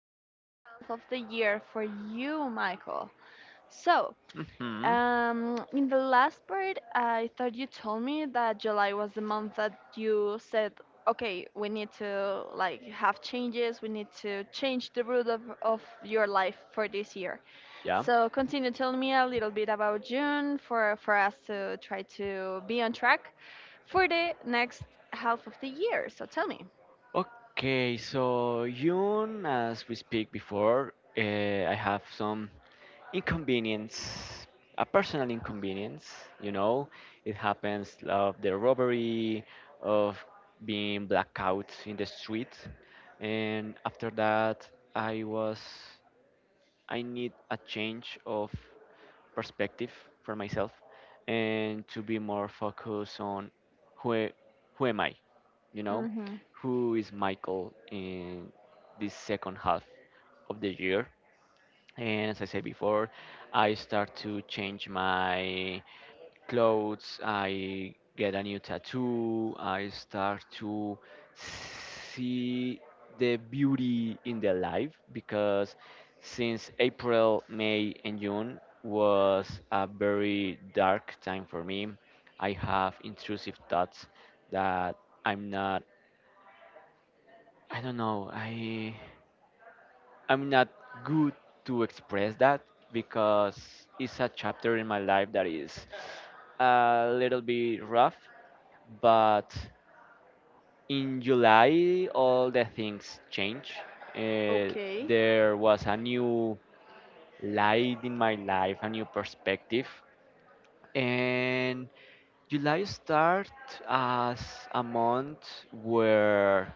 second half of the year for you, Michael. So, hmm in the last part, I thought you told me that July was the month that you said, okay, we need to like have changes, we need to change the route of your life for this year. Yeah. So, continue telling me a little bit about June for us to try to be on track for the next half of the year. So, tell me. Okay, so Yun, as we speak before, I have some inconvenience, a personal inconvenience, you know. It happens of the robbery, of being blackout in the street. And after that, I was, I need a change of perspective for myself and to be more focused on who a- who am I, you know, who is Michael in this second half of the year. And as I said before, I start to change my clothes, I get a new tattoo, I start to see the beauty in the life because since April, May, and June was a very dark time for me. I have intrusive thoughts that I'm not, I don't know, I, I'm not good to express that because it's a chapter in my life that is a little bit rough but in July all the things changed. Uh, Okay. there was a new light in my life, a new perspective, and July start as a month where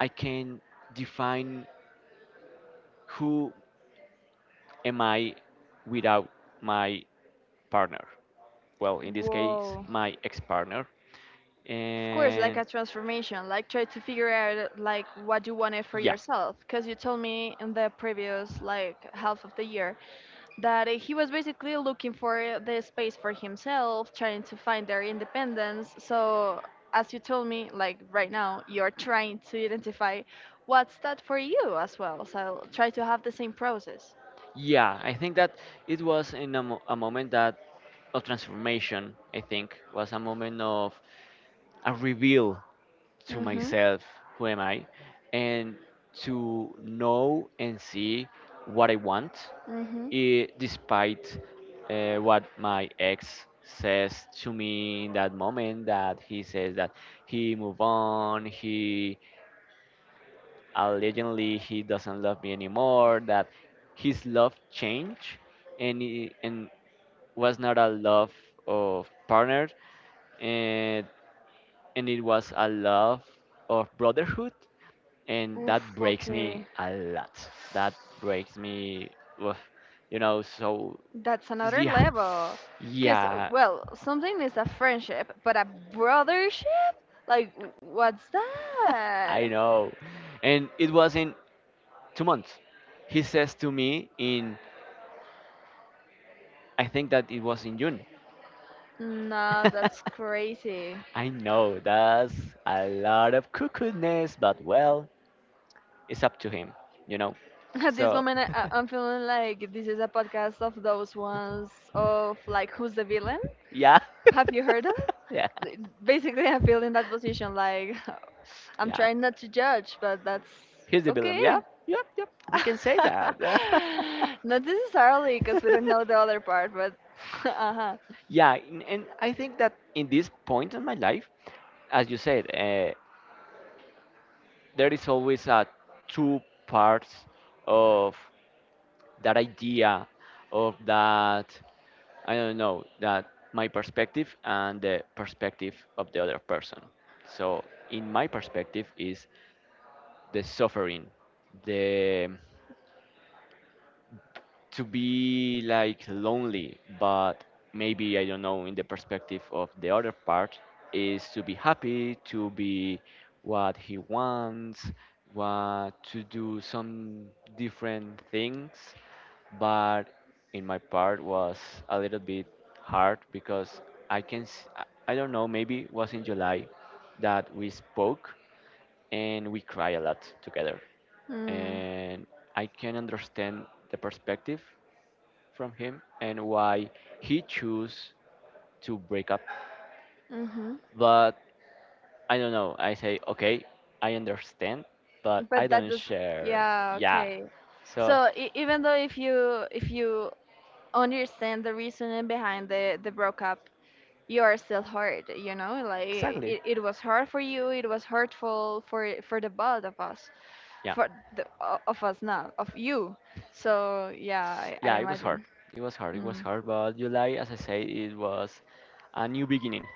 I can define who am I without my partner. Well, in this case, Whoa. my ex-partner Of course, like and a transformation, like try to figure out like what you wanted for yeah. yourself. Because you told me in the previous like half of the year that he was basically looking for the space for himself, trying to find their independence. So as you told me, like right now, you're trying to identify what's that for you as well. So try to have the same process. Yeah, I think that it was in a moment that of transformation. I think was a moment of I reveal to Mhm. myself who am I and to know and see what I want, Mhm. Despite what my ex says to me in that moment that he says that he moved on he allegedly he doesn't love me anymore, that his love changed and was not a love of partner and it was a love of brotherhood and Oof. that breaks me Okay. a lot. That breaks me, oof, you know. So That's another yeah, level. Because, yeah, well, something is a friendship, but a brothership? Like, what's I that? know. And it was in 2 months. He says to me in, I think that it was in June. No, that's crazy. I know that's a lot of cuckoo but well, it's up to him, you know. At this So moment, I'm feeling like this is a podcast of those ones of, like, who's the villain? yeah, Have you heard of it? yeah, Basically, I feel in that position, like, I'm yeah. trying not to judge, but that's Here's the villain. okay. Yeah, yep, yep. We can say that. Not necessarily, because we don't know the other part, but uh-huh. Yeah, and I think that in this point in my life, as you said, there is always two parts of that idea of that I don't know that my perspective and the perspective of the other person. So in my perspective is the suffering, the to be like lonely, but maybe I don't know in the perspective of the other part is to be happy, to be what he wants, what to do some different things. But in my part was a little bit hard because I can s- I I don't know maybe it was in July that we spoke and we cry a lot together Mm, and I can understand the perspective from him and why he chose to break up. hmm. But I don't know. I say, okay, I understand, but I But that don't does, share. yeah, Yeah. okay. So, So, e even though if you understand the reasoning behind the breakup, you are still hurt, you know? Like exactly. it was hard for you, it was hurtful for the both of us, Yeah. for of us not, of you. So yeah, I Yeah, it was hard. imagine. It was hard. It was Mm, hard. But July, as I say, it was a new beginning.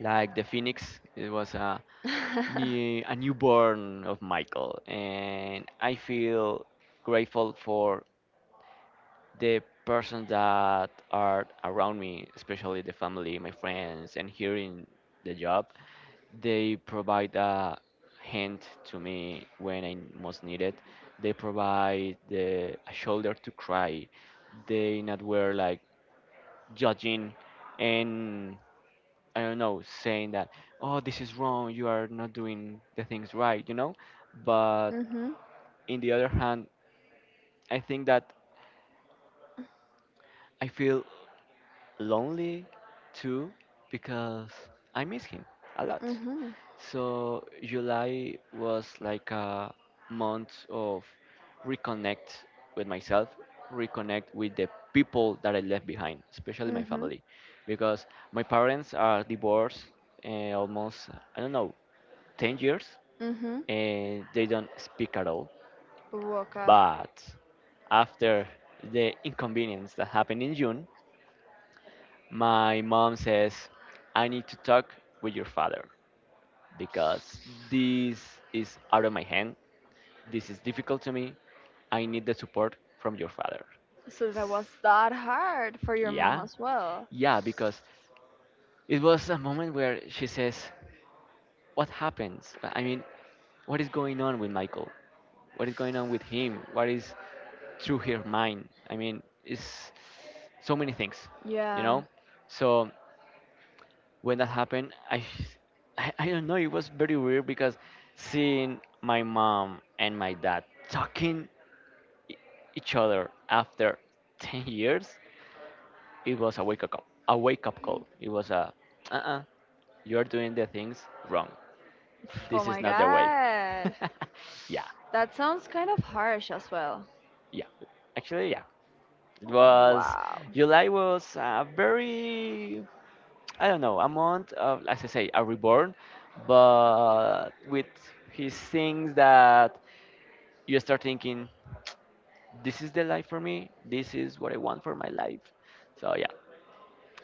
Like the Phoenix, it was a mm. A newborn of Michael, and I feel grateful for the persons that are around me, especially the family, my friends, and here in the job, they provide a hand to me when I most need it. They provide a shoulder to cry. They not were like judging, and I don't know, saying that, oh, this is wrong, you are not doing the things right, you know? But Mhm. in the other hand, I think that I feel lonely too because I miss him a lot. Mhm. So July was like a month of reconnect with myself, reconnect with the people that I left behind, especially my Mhm. family, because my parents are divorced almost I don't know 10 years Mhm. and they don't speak at all. Woka. But after the inconvenience that happened in June, my mom says, I need to talk with your father because this is out of my hand. This is difficult to me. I need the support from your father. So that was that hard for your mom Yeah, as well. yeah, because it was a moment where she says, what happens? I mean, what is going on with Michael? What is going on with him? What is through her mind? I mean, it's so many things, you Yeah. know? So when that happened, I, I don't know, it was very weird because seeing my mom and my dad talking e- each other after 10 years, it was a wake up call. It was a, uh-uh, you're doing the things wrong, Oh this is my not the way. god. Yeah, That sounds kind of harsh as well. yeah. Actually, yeah. It was Wow. July was a very I don't know a month of as I say a reborn, but with his things that you start thinking this is the life for me. This is what I want for my life. So yeah,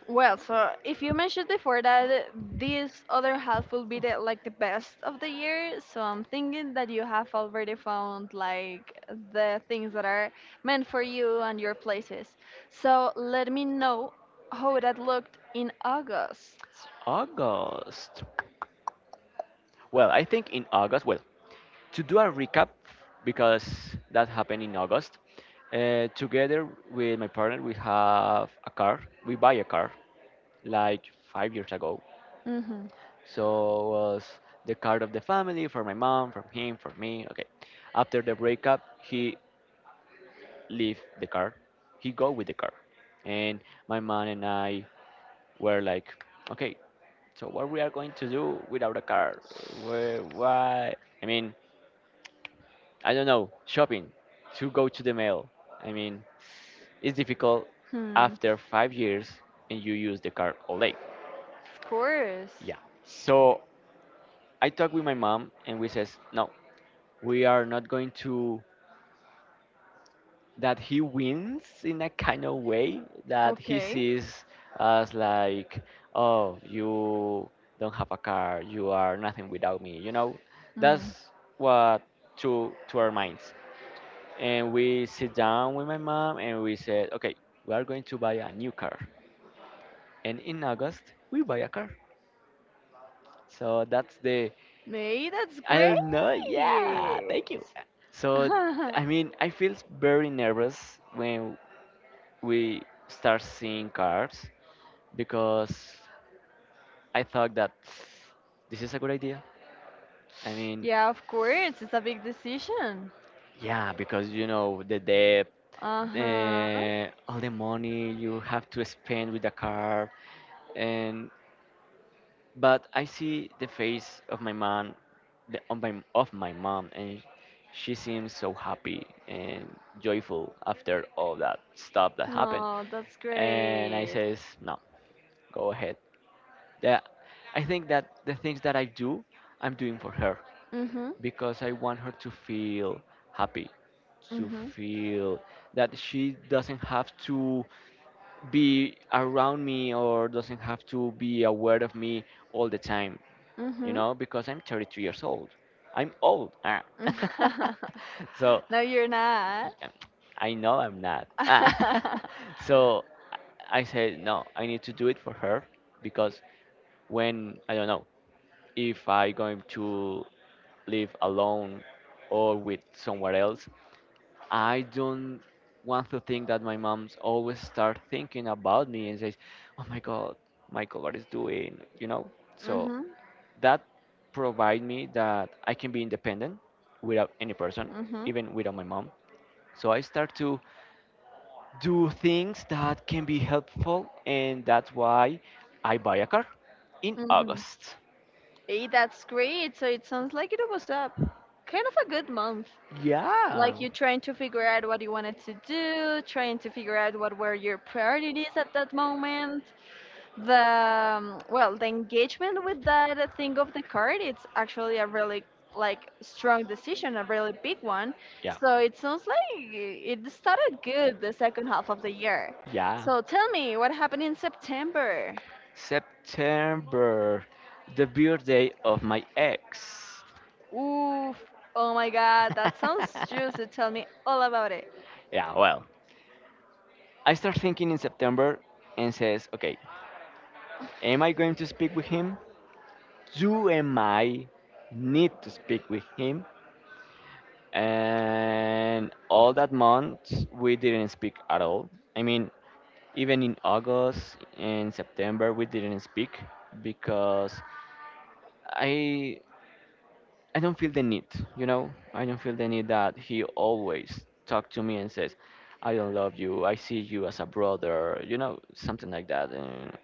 Well, so if you mentioned before that this other half will be the like the best of the year, so I'm thinking that you have already found like the things that are meant for you and your places. So let me know how that looked in August. August. Well, I think in August. Well, to do a recap because that happened in August. Together with my partner, we have a car. We buy a car like 5 years ago. Mm-hmm. So was the car of the family for my mom, for him, for me. Okay. After the breakup, he leave the car. He go with the car, and my mom and I were like, okay, so what we are going to do without a car? Where, why? I mean, I don't know, shopping to go to the mail. I mean, it's difficult Hmm. after 5 years and you use the card all day. Of course. Yeah. So I talked with my mom and we says, no, we are not going to that he wins in a kind of way that he Okay. sees us like, oh, you don't have a car, you are nothing without me. You know, Hmm. that's what to our minds. And we sit down with my mom and we said, okay, we are going to buy a new car. And in August, we buy a car. So that's the, May that's I great. don't know, yeah, thank you. So, I mean, I feel very nervous when we start seeing cars because I thought that this is a good idea. I mean, Yeah, of course. It's a big decision. yeah, because you know, the debt, Uh huh. All the money you have to spend with the car, and but I see the face of my mom, of my mom, and she seems so happy and joyful after all that stuff that happened. Oh, that's And I great. says, no, go ahead. That I think that the things that I do, I'm doing for her Mm-hmm. because I want her to feel happy, to Mm-hmm. feel that she doesn't have to be around me or doesn't have to be aware of me all the time, you Mm-hmm. know, because I'm 33 years old. I'm old. Ah. So No, you're not. um, I know I'm not. Ah. So I said, no, I need to do it for her because when, I don't know, if I going to live alone or with somewhere else, I don't want to think that my mom's always start thinking about me and says, oh my God, Michael, what is doing? You know? So Mm-hmm. that provide me that I can be independent without any person, Mm-hmm. even without my mom. So I start to do things that can be helpful, and that's why I buy a car in Mm-hmm. August. Hey, that's great. So it sounds like it was up, kind of a good month. Like Yeah. you trying to figure out what you wanted to do, trying to figure out what were your priorities at that moment. The well, the engagement with that thing of the card, it's actually a really like strong decision, a really big one. Yeah, So it sounds like it started good, the second half of the year. yeah. So tell me what happened in September. September, the birthday of my ex. Oof. Oh my god, that sounds juicy. Tell me all about it. Yeah, well, I start thinking in September and says, okay, am I going to speak with him? You and I need to speak with him. And all that month, we didn't speak at all. I mean, even in August and September, we didn't speak because I I don't feel the need. You know, I don't feel the need that he always talk to me and says, "I don't love you. I see you as a brother." You know, something like that. And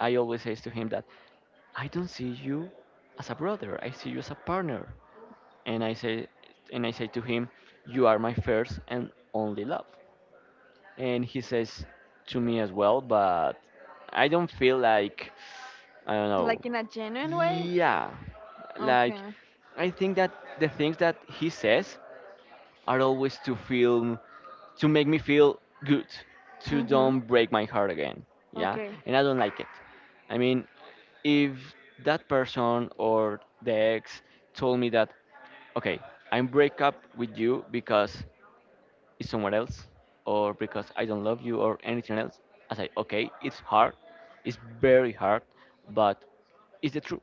I always say to him that I don't see you as a brother. I see you as a partner. and I say and I say to him, "You are my first and only love." And he says to me as well, but I don't feel like I don't know. Like in a genuine way. Yeah, like Okay. I think that the things that he says are always to feel to make me feel good, to Mm-hmm. don't break my heart again. Yeah, Okay. and I don't like it. I mean, if that person or the ex told me that, okay, I'm break up with you because it's someone else, or because I don't love you, or anything else, I say, okay, it's hard, it's very hard, but it's the truth,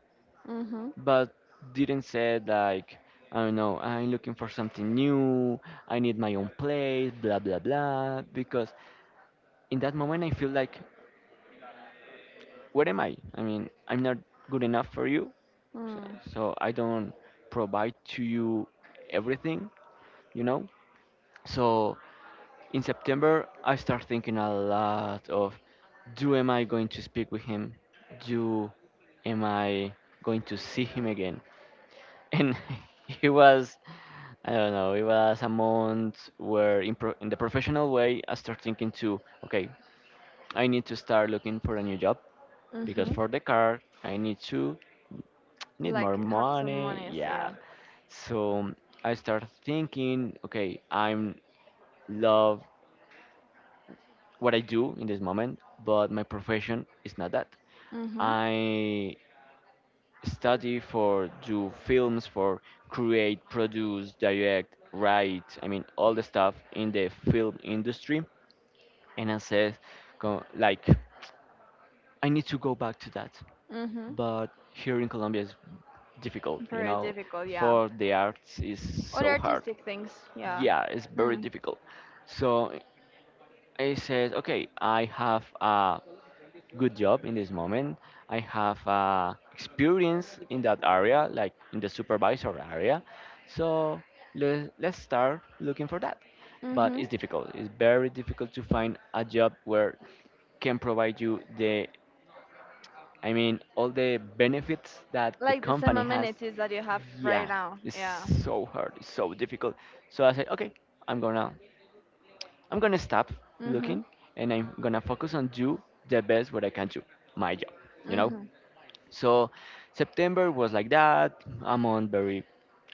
Mm-hmm. but didn't say like I don't know, I'm looking for something new, I need my own place, blah blah blah. Because in that moment I feel like, where am I? I mean, I'm not good enough for you, so, Mm-hmm. so I don't provide to you everything, you know. So in September I start thinking a lot of, do am I going to speak with him? Do am I going to see him again? And he was I don't know. It was a month where, in the professional way, I start thinking to, okay, I need to start looking for a new job because Mm-hmm. for the car, I need Like more have some money. monies, Yeah. yeah. So I start thinking, okay, I'm love what I do in this moment, but my profession is not that. Mm-hmm. I study for do films for create, produce, direct, write, I mean all the stuff in the film industry. And I said, go, like, I need to go back to that. Mm-hmm. But here in Colombia is difficult, you Very know. difficult, yeah. For the arts is Other so hard. artistic things, yeah. Yeah, it's very Hmm. difficult. So I said, okay, I have a good job in this moment. I have experience in that area, like in the supervisor area. So let's start looking for that. But Mm-hmm. it's difficult. It's very difficult to find a job where can provide you the, I mean, all the benefits that the Like the same company has. amenities that you have right Yeah, now, it's yeah. so hard. It's so difficult. So I said, okay, I'm gonna I'm gonna stop Mm-hmm. looking, and I'm gonna focus on do the best what I can do, my job, you know? Mm-hmm. So September was like that. I'm on very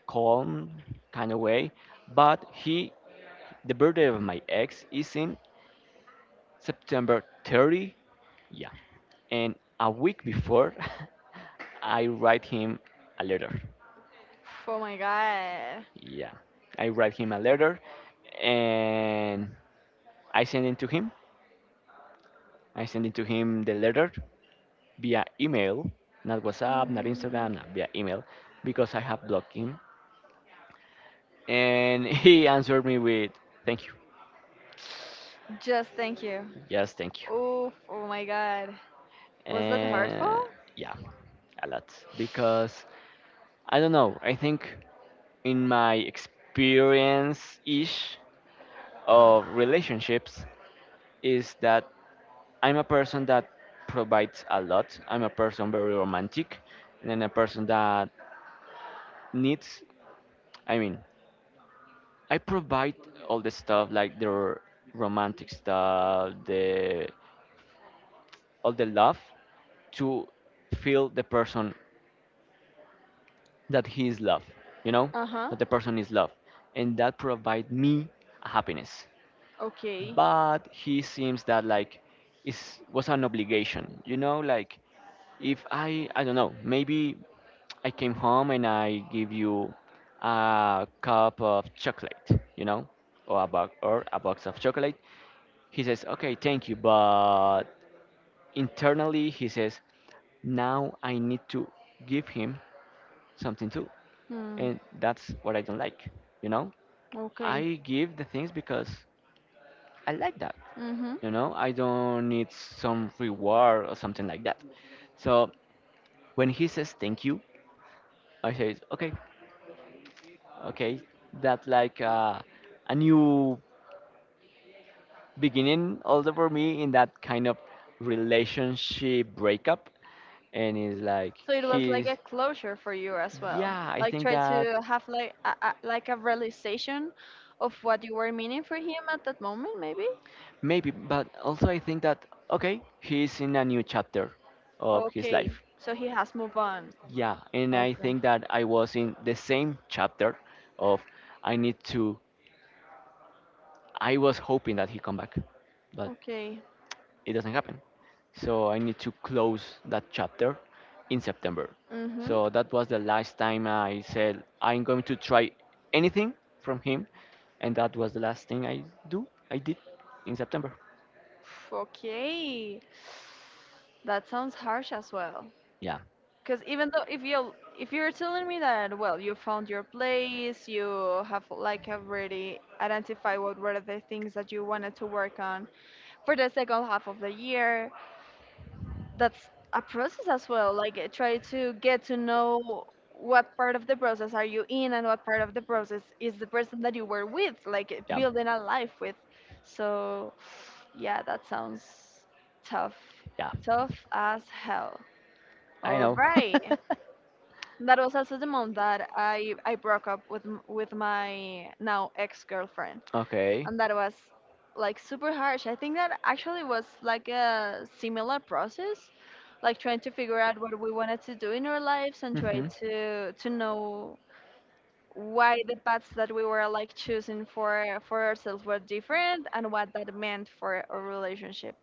calm kind of way. But he, the birthday of my ex is in September 30. Yeah. And a week before, I write him a letter. Oh my god. Yeah. I write him a letter and I send it to him I sent it to him the letter via email, not WhatsApp, not Mm. Instagram, not via email, because I have blocked him. And he answered me with, thank you. Just thank you. Yes, thank you. Oh, oh my god. Was that And hurtful? yeah, a lot. Because I don't know, I think in my experience ish of relationships is that I'm a person that provides a lot. I'm a person very romantic, and then a person that needs, I mean, I provide all the stuff like the romantic stuff, the all the love to feel the person that he is love, you know, Uh-huh. that the person is love, and that provide me happiness. Okay. But he seems that like is was an obligation, you know, like if I don't know, maybe I came home and I give you a cup of chocolate, you know, or a box of chocolate. He says, okay, thank you. But internally, he says, now I need to give him something too. Hmm. And that's what I don't like. You know, Okay. I give the things because I like that. Mm-hmm. You know, I don't need some reward or something like that. So when he says thank you, I say, okay, okay, that's like a new beginning also for me in that kind of relationship breakup, and it's like So it was like he's, a closure for you as well. yeah, I Like think try that, to have like like a realization of what you were meaning for him at that moment, maybe? maybe, but also I think that, okay, he's in a new chapter of his Okay, life. so he has moved on. Yeah, and I Okay. think that I was in the same chapter of, I need to, I was hoping that he come back, but Okay. it doesn't happen. So I need to close that chapter in September. Mm-hmm. So that was the last time I said I'm going to try anything from him, and that was the last thing I do. I did in September. Okay. That sounds harsh as well. Yeah. Because even though if you if you're telling me that well, you found your place, you have like already identified what were the things that you wanted to work on for the second half of the year, that's a process as well, like try to get to know what part of the process are you in and what part of the process is the person that you were with, like Yeah. building a life with. So yeah, that sounds tough, Yeah. tough as hell. I All know. right, that was also the month that I broke up with with my now ex-girlfriend, Okay. and that was like super harsh. I think that actually was like a similar process, like trying to figure out what we wanted to do in our lives and try Hmm. to know why the paths that we were like choosing for ourselves were different and what that meant for our relationship.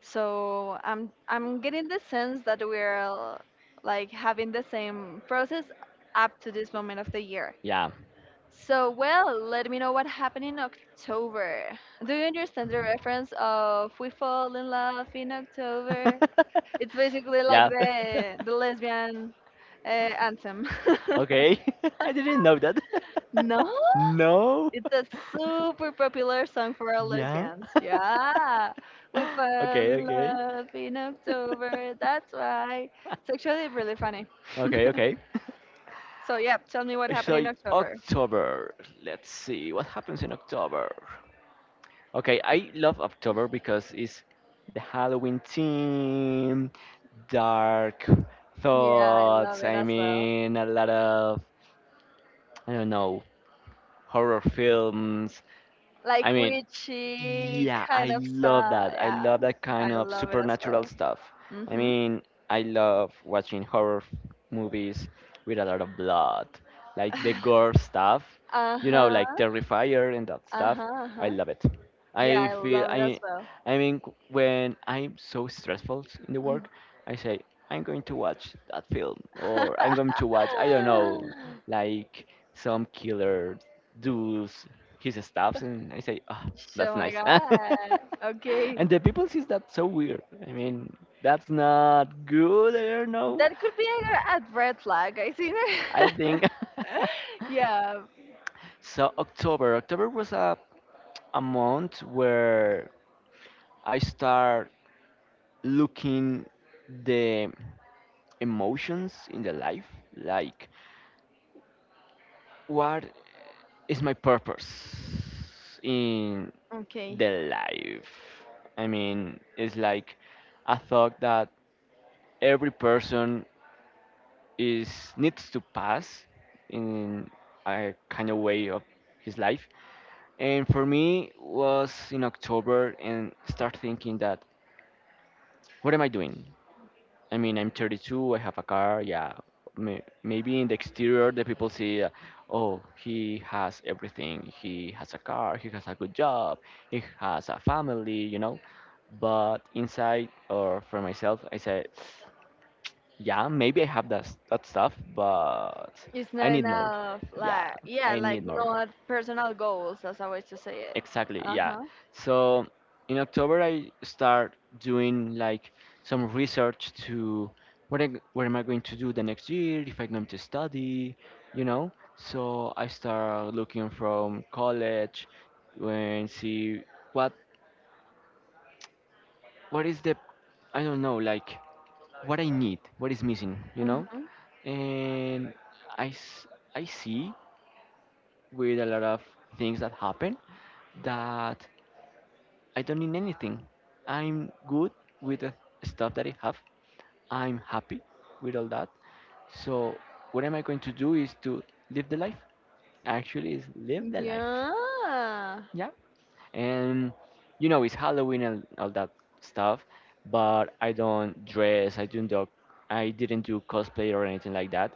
So I'm getting the sense that we're like having the same process up to this moment of the year. Yeah. So, well, let me know what happened in October. Do you understand the reference of "We Fall in Love in October"? It's basically like Yeah. the lesbian anthem. Okay. I didn't know that. No? No. It's a super popular song for all Yeah. lesbians. Yeah. We fell Okay, in okay. love in October. That's why. It's actually really funny. Okay, okay. So, yeah, tell me what happened So in October. October, let's see what happens in October. Okay, I love October because it's the Halloween theme, dark Yeah, I love thoughts. it I as well. mean, a lot of, I don't know, horror films. I Like mean, witchy yeah, kind I of love style. that. I Yeah, love that I kind of love it as supernatural well. stuff. I Mm-hmm. mean, I love watching movies with a lot of blood, like the gore stuff, Uh you know, huh. like Terrifier and that Uh stuff. huh. Uh I huh. love it. Yeah, I I feel love it as I well. I mean, when I'm so stressful in the Mm. work, I say, I'm going to watch that film, or I'm going to watch, I don't know, like some killer does his stuffs, and I say, oh, that's So my nice. god. Okay, And the people sees that so weird. I mean, that's not good, I don't know. that could be a red flag, I think. I think. Yeah. So October, October was a month where I start. Looking the emotions in the life, like what is my purpose in Okay. the life. I mean, it's like a thought that every person is needs to pass in a kind of way of his life, and for me was in October, and start thinking that, what am I doing? I mean, I'm 32, I have a car, yeah. Maybe in the exterior, the people see, oh, he has everything. He has a car, he has a good job, he has a family, you know. But inside, or for myself, I say, yeah, maybe I have that, that stuff, but It's I not need more. enough. Yeah, Like yeah, I like need more. not personal goals, as I was to say it. Exactly, Uh yeah. huh. So in October, I start doing like some research to what I, what am I going to do the next year, if I'm going to study, you know. So I start looking from college and see what what is the I don't know, like what I need, what is missing, you know. Mm-hmm. And I s- I see with a lot of things that happen that I don't need anything. I'm good with the stuff that I have. I'm happy with all that. So what am I going to do is to live the life. Actually, is live the life. Yeah. Yeah. And you know, it's Halloween and all that stuff, but I don't dress. I don't do. I didn't do cosplay or anything like that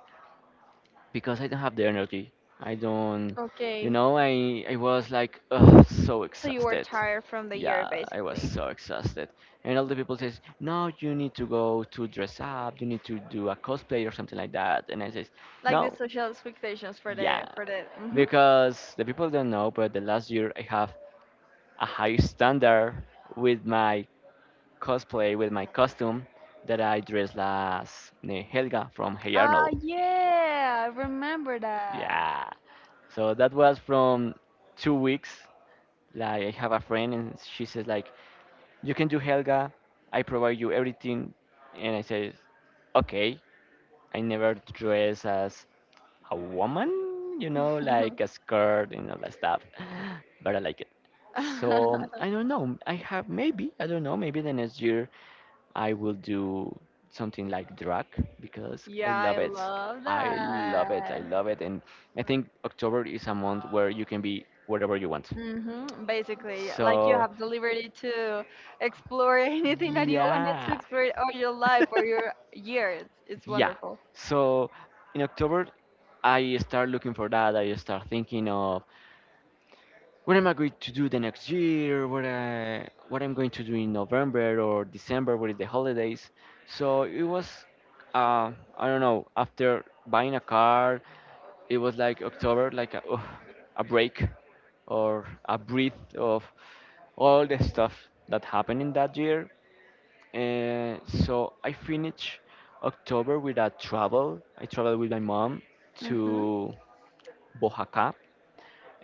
because I don't have the energy. I don't, you Okay. know, I was like ugh, so So you were exhausted. tired from the year, Yeah, I was basically. so exhausted. And all the people says, "No, you need to go to dress up. You need to do a cosplay or something like that." And I says, Like the "No, social expectations yeah, for the hmm. because the people don't know, but the last year I have a high standard with my cosplay, with my costume, that I dress as Helga from Hey Ah Arnold. yeah, I remember that. Yeah. So that was from 2 weeks. Like I have a friend and she says like, you can do Helga. I provide you everything. And I say, okay. I never dress as a woman, you know, like a skirt and all that stuff. But I like it. So I don't know. I have, maybe, I don't know. Maybe the next year I will do something like drag because I Yeah, I love it. love I love it. I that. love it. And I think October is a month where you can be whatever you want. Hmm. Basically, like you So have the liberty to explore anything that you wanted to yeah. explore all your life or your year. It's Yeah. wonderful. So in October, I start looking for that. I start thinking of what am I going to do the next year? What I'm going to do in November or December? What is the holidays? So it was, uh, I don't know. After buying a car, it was like October, like a, oh, a break or a breath of all the stuff that happened in that year. And so I finished October with a travel. I traveled with my mom Hmm. to Bojaca,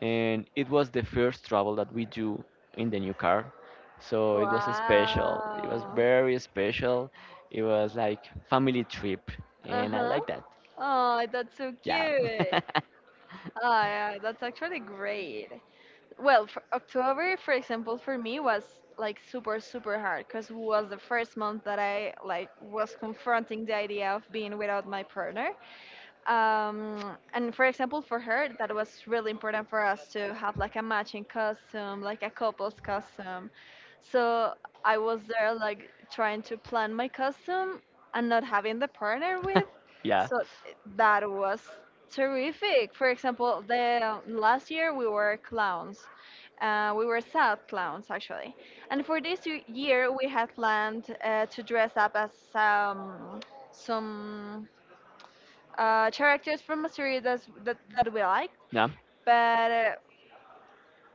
and it was the first travel that we do in the new car. So it was special. It was Wow. very special. It was like family trip, and I Uh-huh. like that. Oh, that's so Yeah. cute. Oh, yeah, that's actually great. Well, for October, for example, for me was like super, super hard because was the first month that I like was confronting the idea of being without my partner, and for example for her, that was really important for us to have like a matching costume, like a couple's costume. So I was there like trying to plan my costume and not having the partner with, so that was terrific. For example, the last year we were clowns, we were sad clowns actually, and for this year we had planned to dress up as some characters from a series that that we like, Yeah. But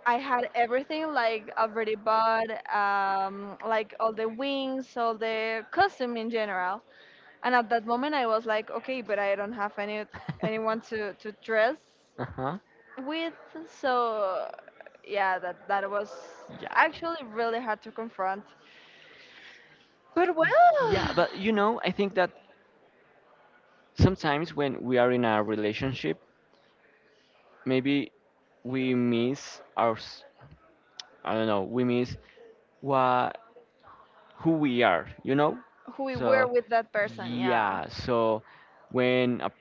I had everything like already bought, like all the wings, all the costume in general. And at that moment, I was like, okay, but I don't have any dress. anyone to dress Uh-huh. with, so yeah, that that was So yeah. actually really hard to confront. But To yeah, well, but you know, I think that sometimes when we are in a relationship, maybe we miss I don't know, we miss what, who we are, you know. who we were So with that person, yeah. yeah, so when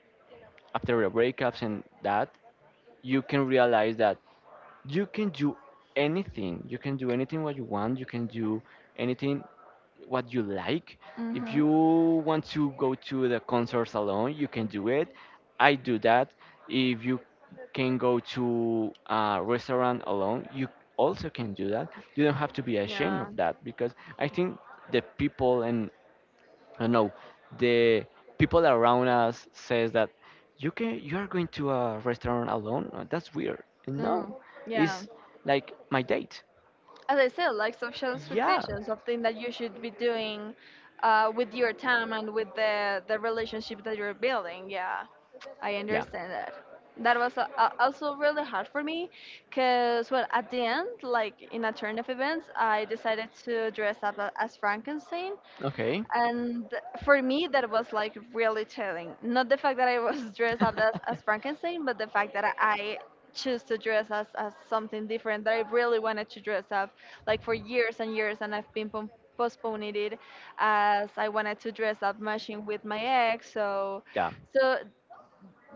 after the breakups and that, you can realize that you can do anything. You can do anything what you want, you can do anything what you like. If Mhm. you want to go to the concerts alone, you can do it. I do that. If you can go to a restaurant alone, you also can do that. You don't have to be ashamed Yeah. of that because I think the people and, I don't know, the people around us says that, you can, you are going to a restaurant alone. That's weird. No, Mm. Yeah. it's like my date. As I said, like social Yeah. expectations, something that you should be doing with your time and with the relationship that you're building. Yeah, I understand that. That was also really hard for me because, well, at the end, like in a turn of events, I decided to dress up as Frankenstein, Okay. and for me, that was like really telling. Not the fact that I was dressed up as Frankenstein, but the fact that I choose to dress as something different that I really wanted to dress up. Like for years and years, and I've been postponing it as I wanted to dress up matching with my ex. So, Yeah. so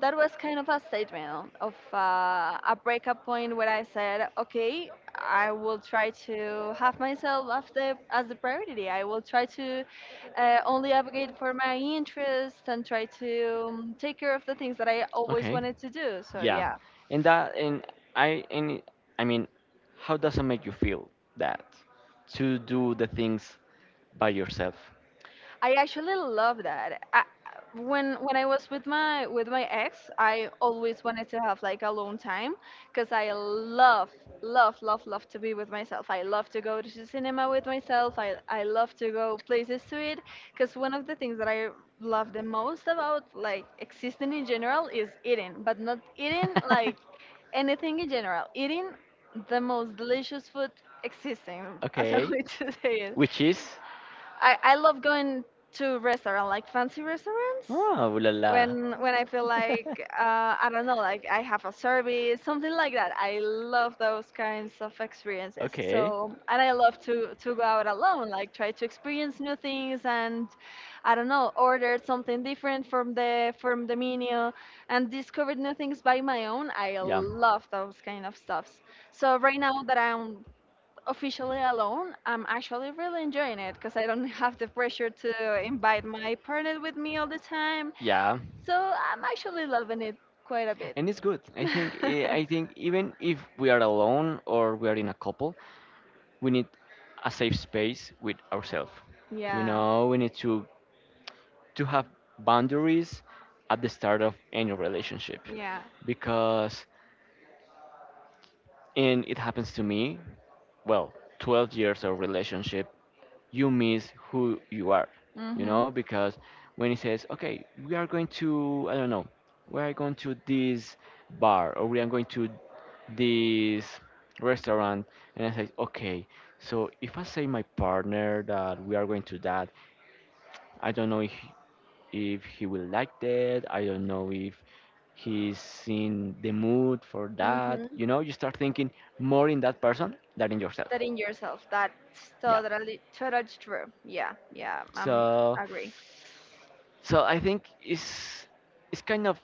that was kind of a statement of a breakup point where I said, okay, I will try to have myself as the priority. I will try to only advocate for my interests and try to take care of the things that I always Okay. wanted to do. So, Yeah. yeah. And I and it- I mean, how does it make you feel that to do the things by yourself? I actually love that. I, when I was with my ex, I always wanted to have like alone time because I love love love love to be with myself. I love to go to the cinema with myself. I love to go places to eat because one of the things that I love the most about like existing in general is eating, but not eating like anything in general. Eating the most delicious food existing, as I Okay. would to say it. Which is? I love Oh. going to restaurant like fancy restaurants Ah, ooh la la. When I feel like I don't know, like I have a service, something like that. I love those kinds of experiences. Okay. So and I love to go out alone, like try to experience new things and I don't know, order something different from the menu and discover new things by my own. I Yeah. love those kind of stuffs. So right now that I'm officially alone, I'm actually really enjoying it because I don't have the pressure to invite my partner with me all the time. Yeah, So I'm actually loving it quite a bit. and it's good. I think eh, I think even if we are alone or we are in a couple, we need a safe space with ourselves. You Yeah, know, we need to have boundaries at the start of any relationship yeah. because— and it happens to me, well, 12 years of relationship, you miss who you are, you know, Mhm. because when he says, okay, we are going to, I don't know, we are going to this bar, or we are going to this restaurant, and I say, okay, so if I say my partner that we are going to that, I don't know if he will like that, I don't know if he's in the mood for that, Mhm. you know, you start thinking more in that person than in yourself. That in yourself. That's Yeah. totally true. Yeah, yeah. I'm So agree. so I think it's kind of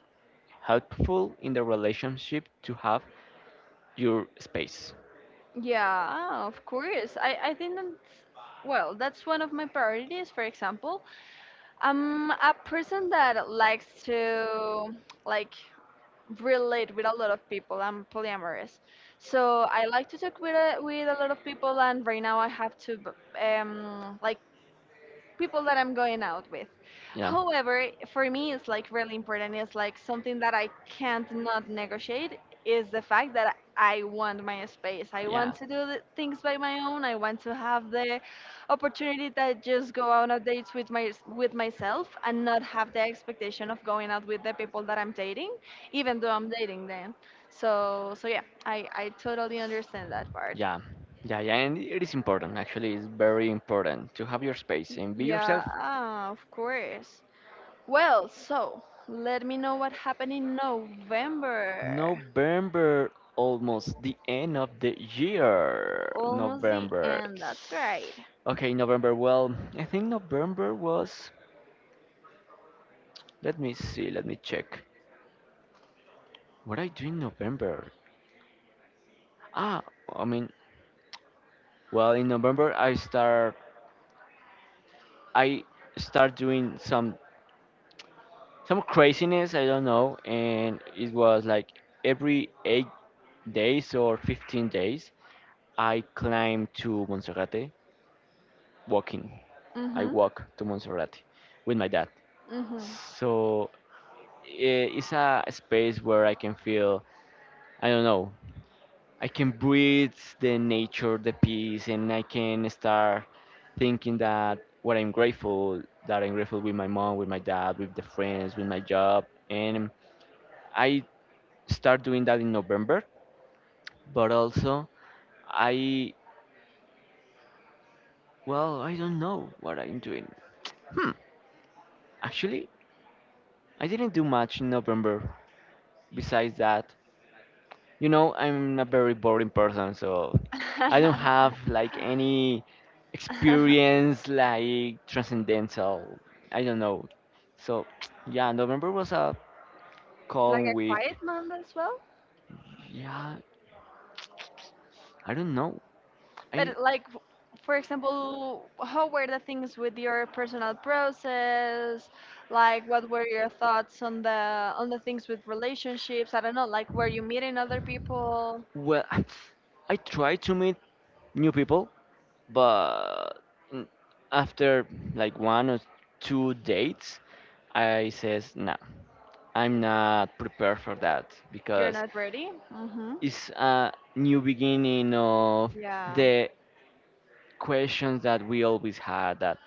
helpful in the relationship to have your space. Yeah, of course. I think that's that's one of my priorities, for example. I'm a person that likes to like relate with a lot of people. I'm polyamorous, so I like to talk with a lot of people. And right now, I have to like people that I'm going out with. Yeah. However, for me, it's like really important. It's like something that I can't not negotiate is the fact that I want my space. I want Yeah. to do the things by my own. I want to have the opportunity to just go out on dates with my with myself and not have the expectation of going out with the people that I'm dating, even though I'm dating them. So yeah, I totally understand that part. Yeah, yeah, yeah, and it is important. Actually, it's very important to have your space and be yourself. Yeah, ah, of course. Well, so let me know what happened in November. November, almost the end of the year. Almost the November. end, that's right. Okay, November. Well, I think November was— let me see, let me check. What I do in November? Ah, I mean, well, in November I start— I start doing some craziness, I don't know, and it was like every 8 days or 15 days I climbed to Monserrate walking. I Mm-hmm. walk to Monserrate with my dad. Mm-hmm. So it's a space where I can feel, I don't know, I can breathe the nature, the peace, and I can start thinking that what I'm grateful, that I'm grateful with my mom, with my dad, with the friends, with my job. And I start doing that in November, but also I, well, I don't know what I'm doing. Hmm, actually, I didn't do much in November. Besides that, you know, I'm a very boring person, so I don't have like any experience like transcendental. I don't know. So yeah, November was a Like calm a week. quiet month as well. Yeah, I don't know. I— But like for example, how were the things with your personal process? Like what were your thoughts on the things with relationships? I don't know, like were you meeting other people? well, I try to meet new people, but n- after like one or two dates, I says no, I'm not prepared for that You're because not ready? Mm-hmm. it's a new beginning of Yeah. the questions that we always had, that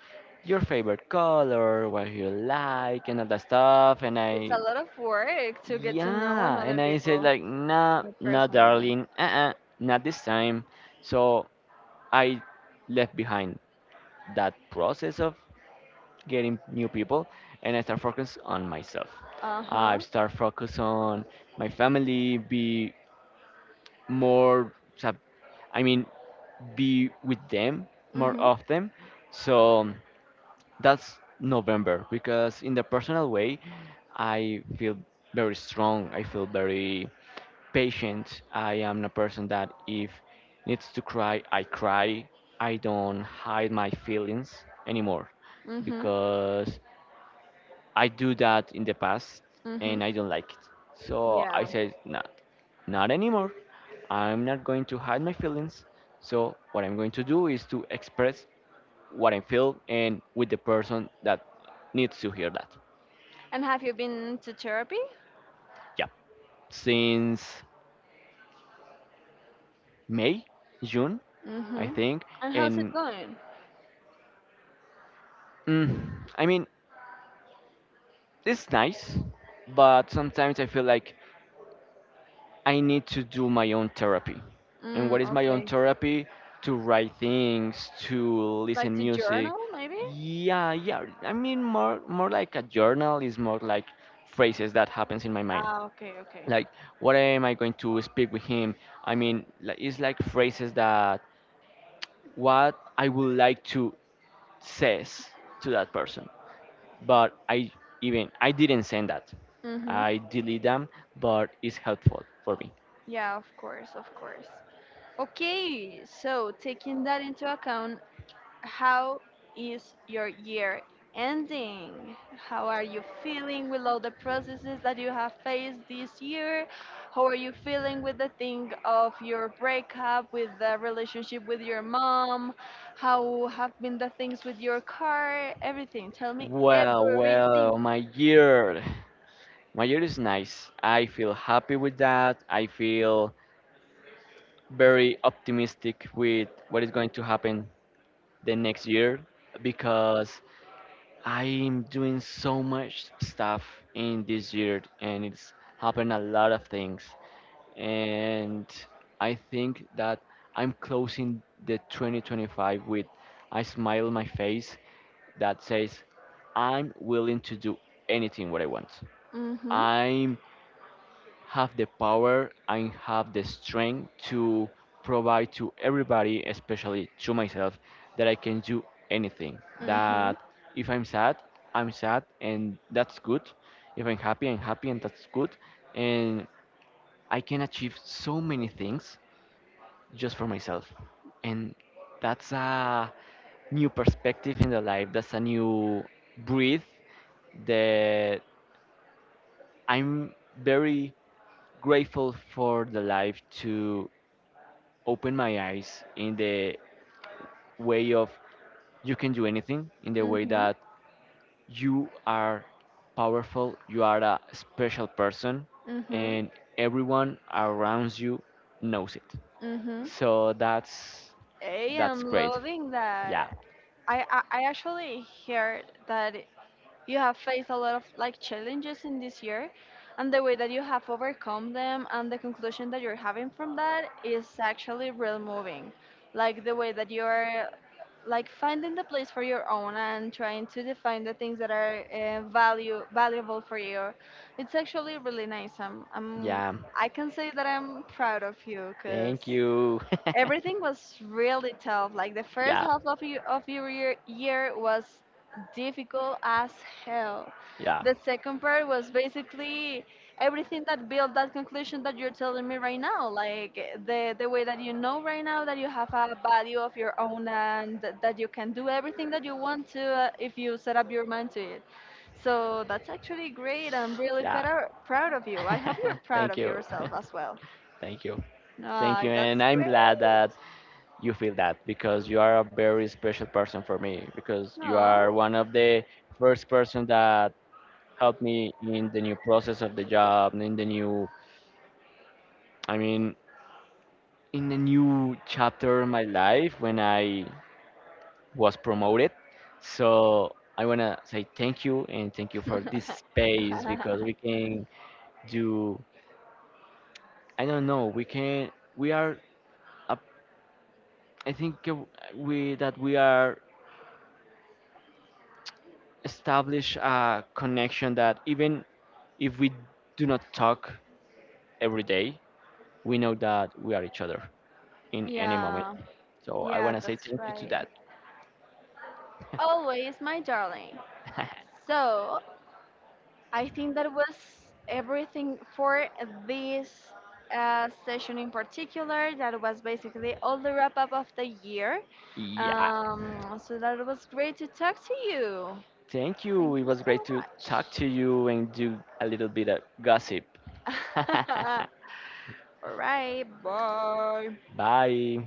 your favorite color, what you like, and all that stuff. And It's I, a lot of work to get to know yeah, another and I said people, like, nah, the nah, person, yeah. darling, uh-uh, not this time. So I left behind that process of getting new people, and I start focus on myself. Uh I huh. start focus on my family, be more so, I mean be with them more Mhm. often. So that's November, because in the personal way I feel very strong, I feel very patient. I am a person that if needs to cry, I cry. I don't hide my feelings anymore, Mhm. because I do that in the past Mhm. and I don't like it. So I Yeah. said, not, not anymore. I'm not going to hide my feelings. So what I'm going to do is to express what I feel, and with the person that needs to hear that. And have you been to therapy? Yeah. Since May, June, I Mhm. think. And how's it And going? mm, I mean, it's nice, but sometimes I feel like I need to do my own therapy. And what Mm, is my own okay. therapy? To write things, to Like listen to music. journal, maybe? Yeah, yeah. I mean, more like a journal, is more like phrases that happens in my mind. Ah, okay, okay. Like, what am I going to speak with him? I mean, like, it's like phrases that what I would like to says to that person. But I— even I didn't send that. Mm-hmm. I delete them, but it's helpful for me. Yeah, of course, of course. Okay, so taking that into account, how is your year ending? How are you feeling with all the processes that you have faced this year? How are you feeling with the thing of your breakup, with the relationship with your mom? How have been the things with your car? Everything. Tell me Well, everything. well, my year. My year is nice. I feel happy with that. I feel very optimistic with what is going to happen the next year, because I'm doing so much stuff in this year and it's happened a lot of things. And I think that I'm closing the 2025 with a smile on my face that says, I'm willing to do anything what I want. Mm-hmm. I have the power, I have the strength to provide to everybody, especially to myself, that I can do anything. That Mm-hmm. if I'm sad, I'm sad, and that's good. If I'm happy, I'm happy, and that's good. And I can achieve so many things just for myself. And that's a new perspective in the life. That's a new breath that— I'm very grateful for the life to open my eyes in the way of, you can do anything, in the way Mm-hmm. that you are powerful, you are a special person, Mm-hmm. and everyone around you knows it. Mm-hmm. So I that's am great. loving Yeah, that. I actually heard that you have faced a lot of like challenges in this year and the way that you have overcome them and the conclusion that you're having from that is actually real moving, like the way that you're like finding the place for your own and trying to define the things that are value valuable for you. It's actually really nice. I'm, yeah. I can say that I'm proud of you because Thank you. everything was really tough. Like the first Yeah. half of your year was difficult as hell. Yeah. The second part was basically everything that built that conclusion that you're telling me right now. Like the way that you know right now that you have a value of your own and that you can do everything that you want to, if you set up your mind to it. So that's actually great. I'm really Yeah. Proud of you. I hope you're proud Thank of you. yourself as well. Thank you. Thank No, you. that's And I'm glad that great. you feel that, because you are a very special person for me, because you are Oh. one of the first person that helped me in the new process of the job, in the new, I mean, in the new chapter of my life when I was promoted. So I want to say thank you, and thank you for this space, because we can do, I don't know, we can, we are, a- I think we, that we are establish a connection that even if we do not talk every day, we know that we are each other in any moment. Yeah, So I yeah, want to say that's thank you to right. that. Always, my darling. So, I think that was everything for this session in particular. That was basically all the wrap up of the year. Yeah. So, that was great to talk to you. Thank you. Thank It you was so great to much. talk to you and do a little bit of gossip. All right, bye. Bye.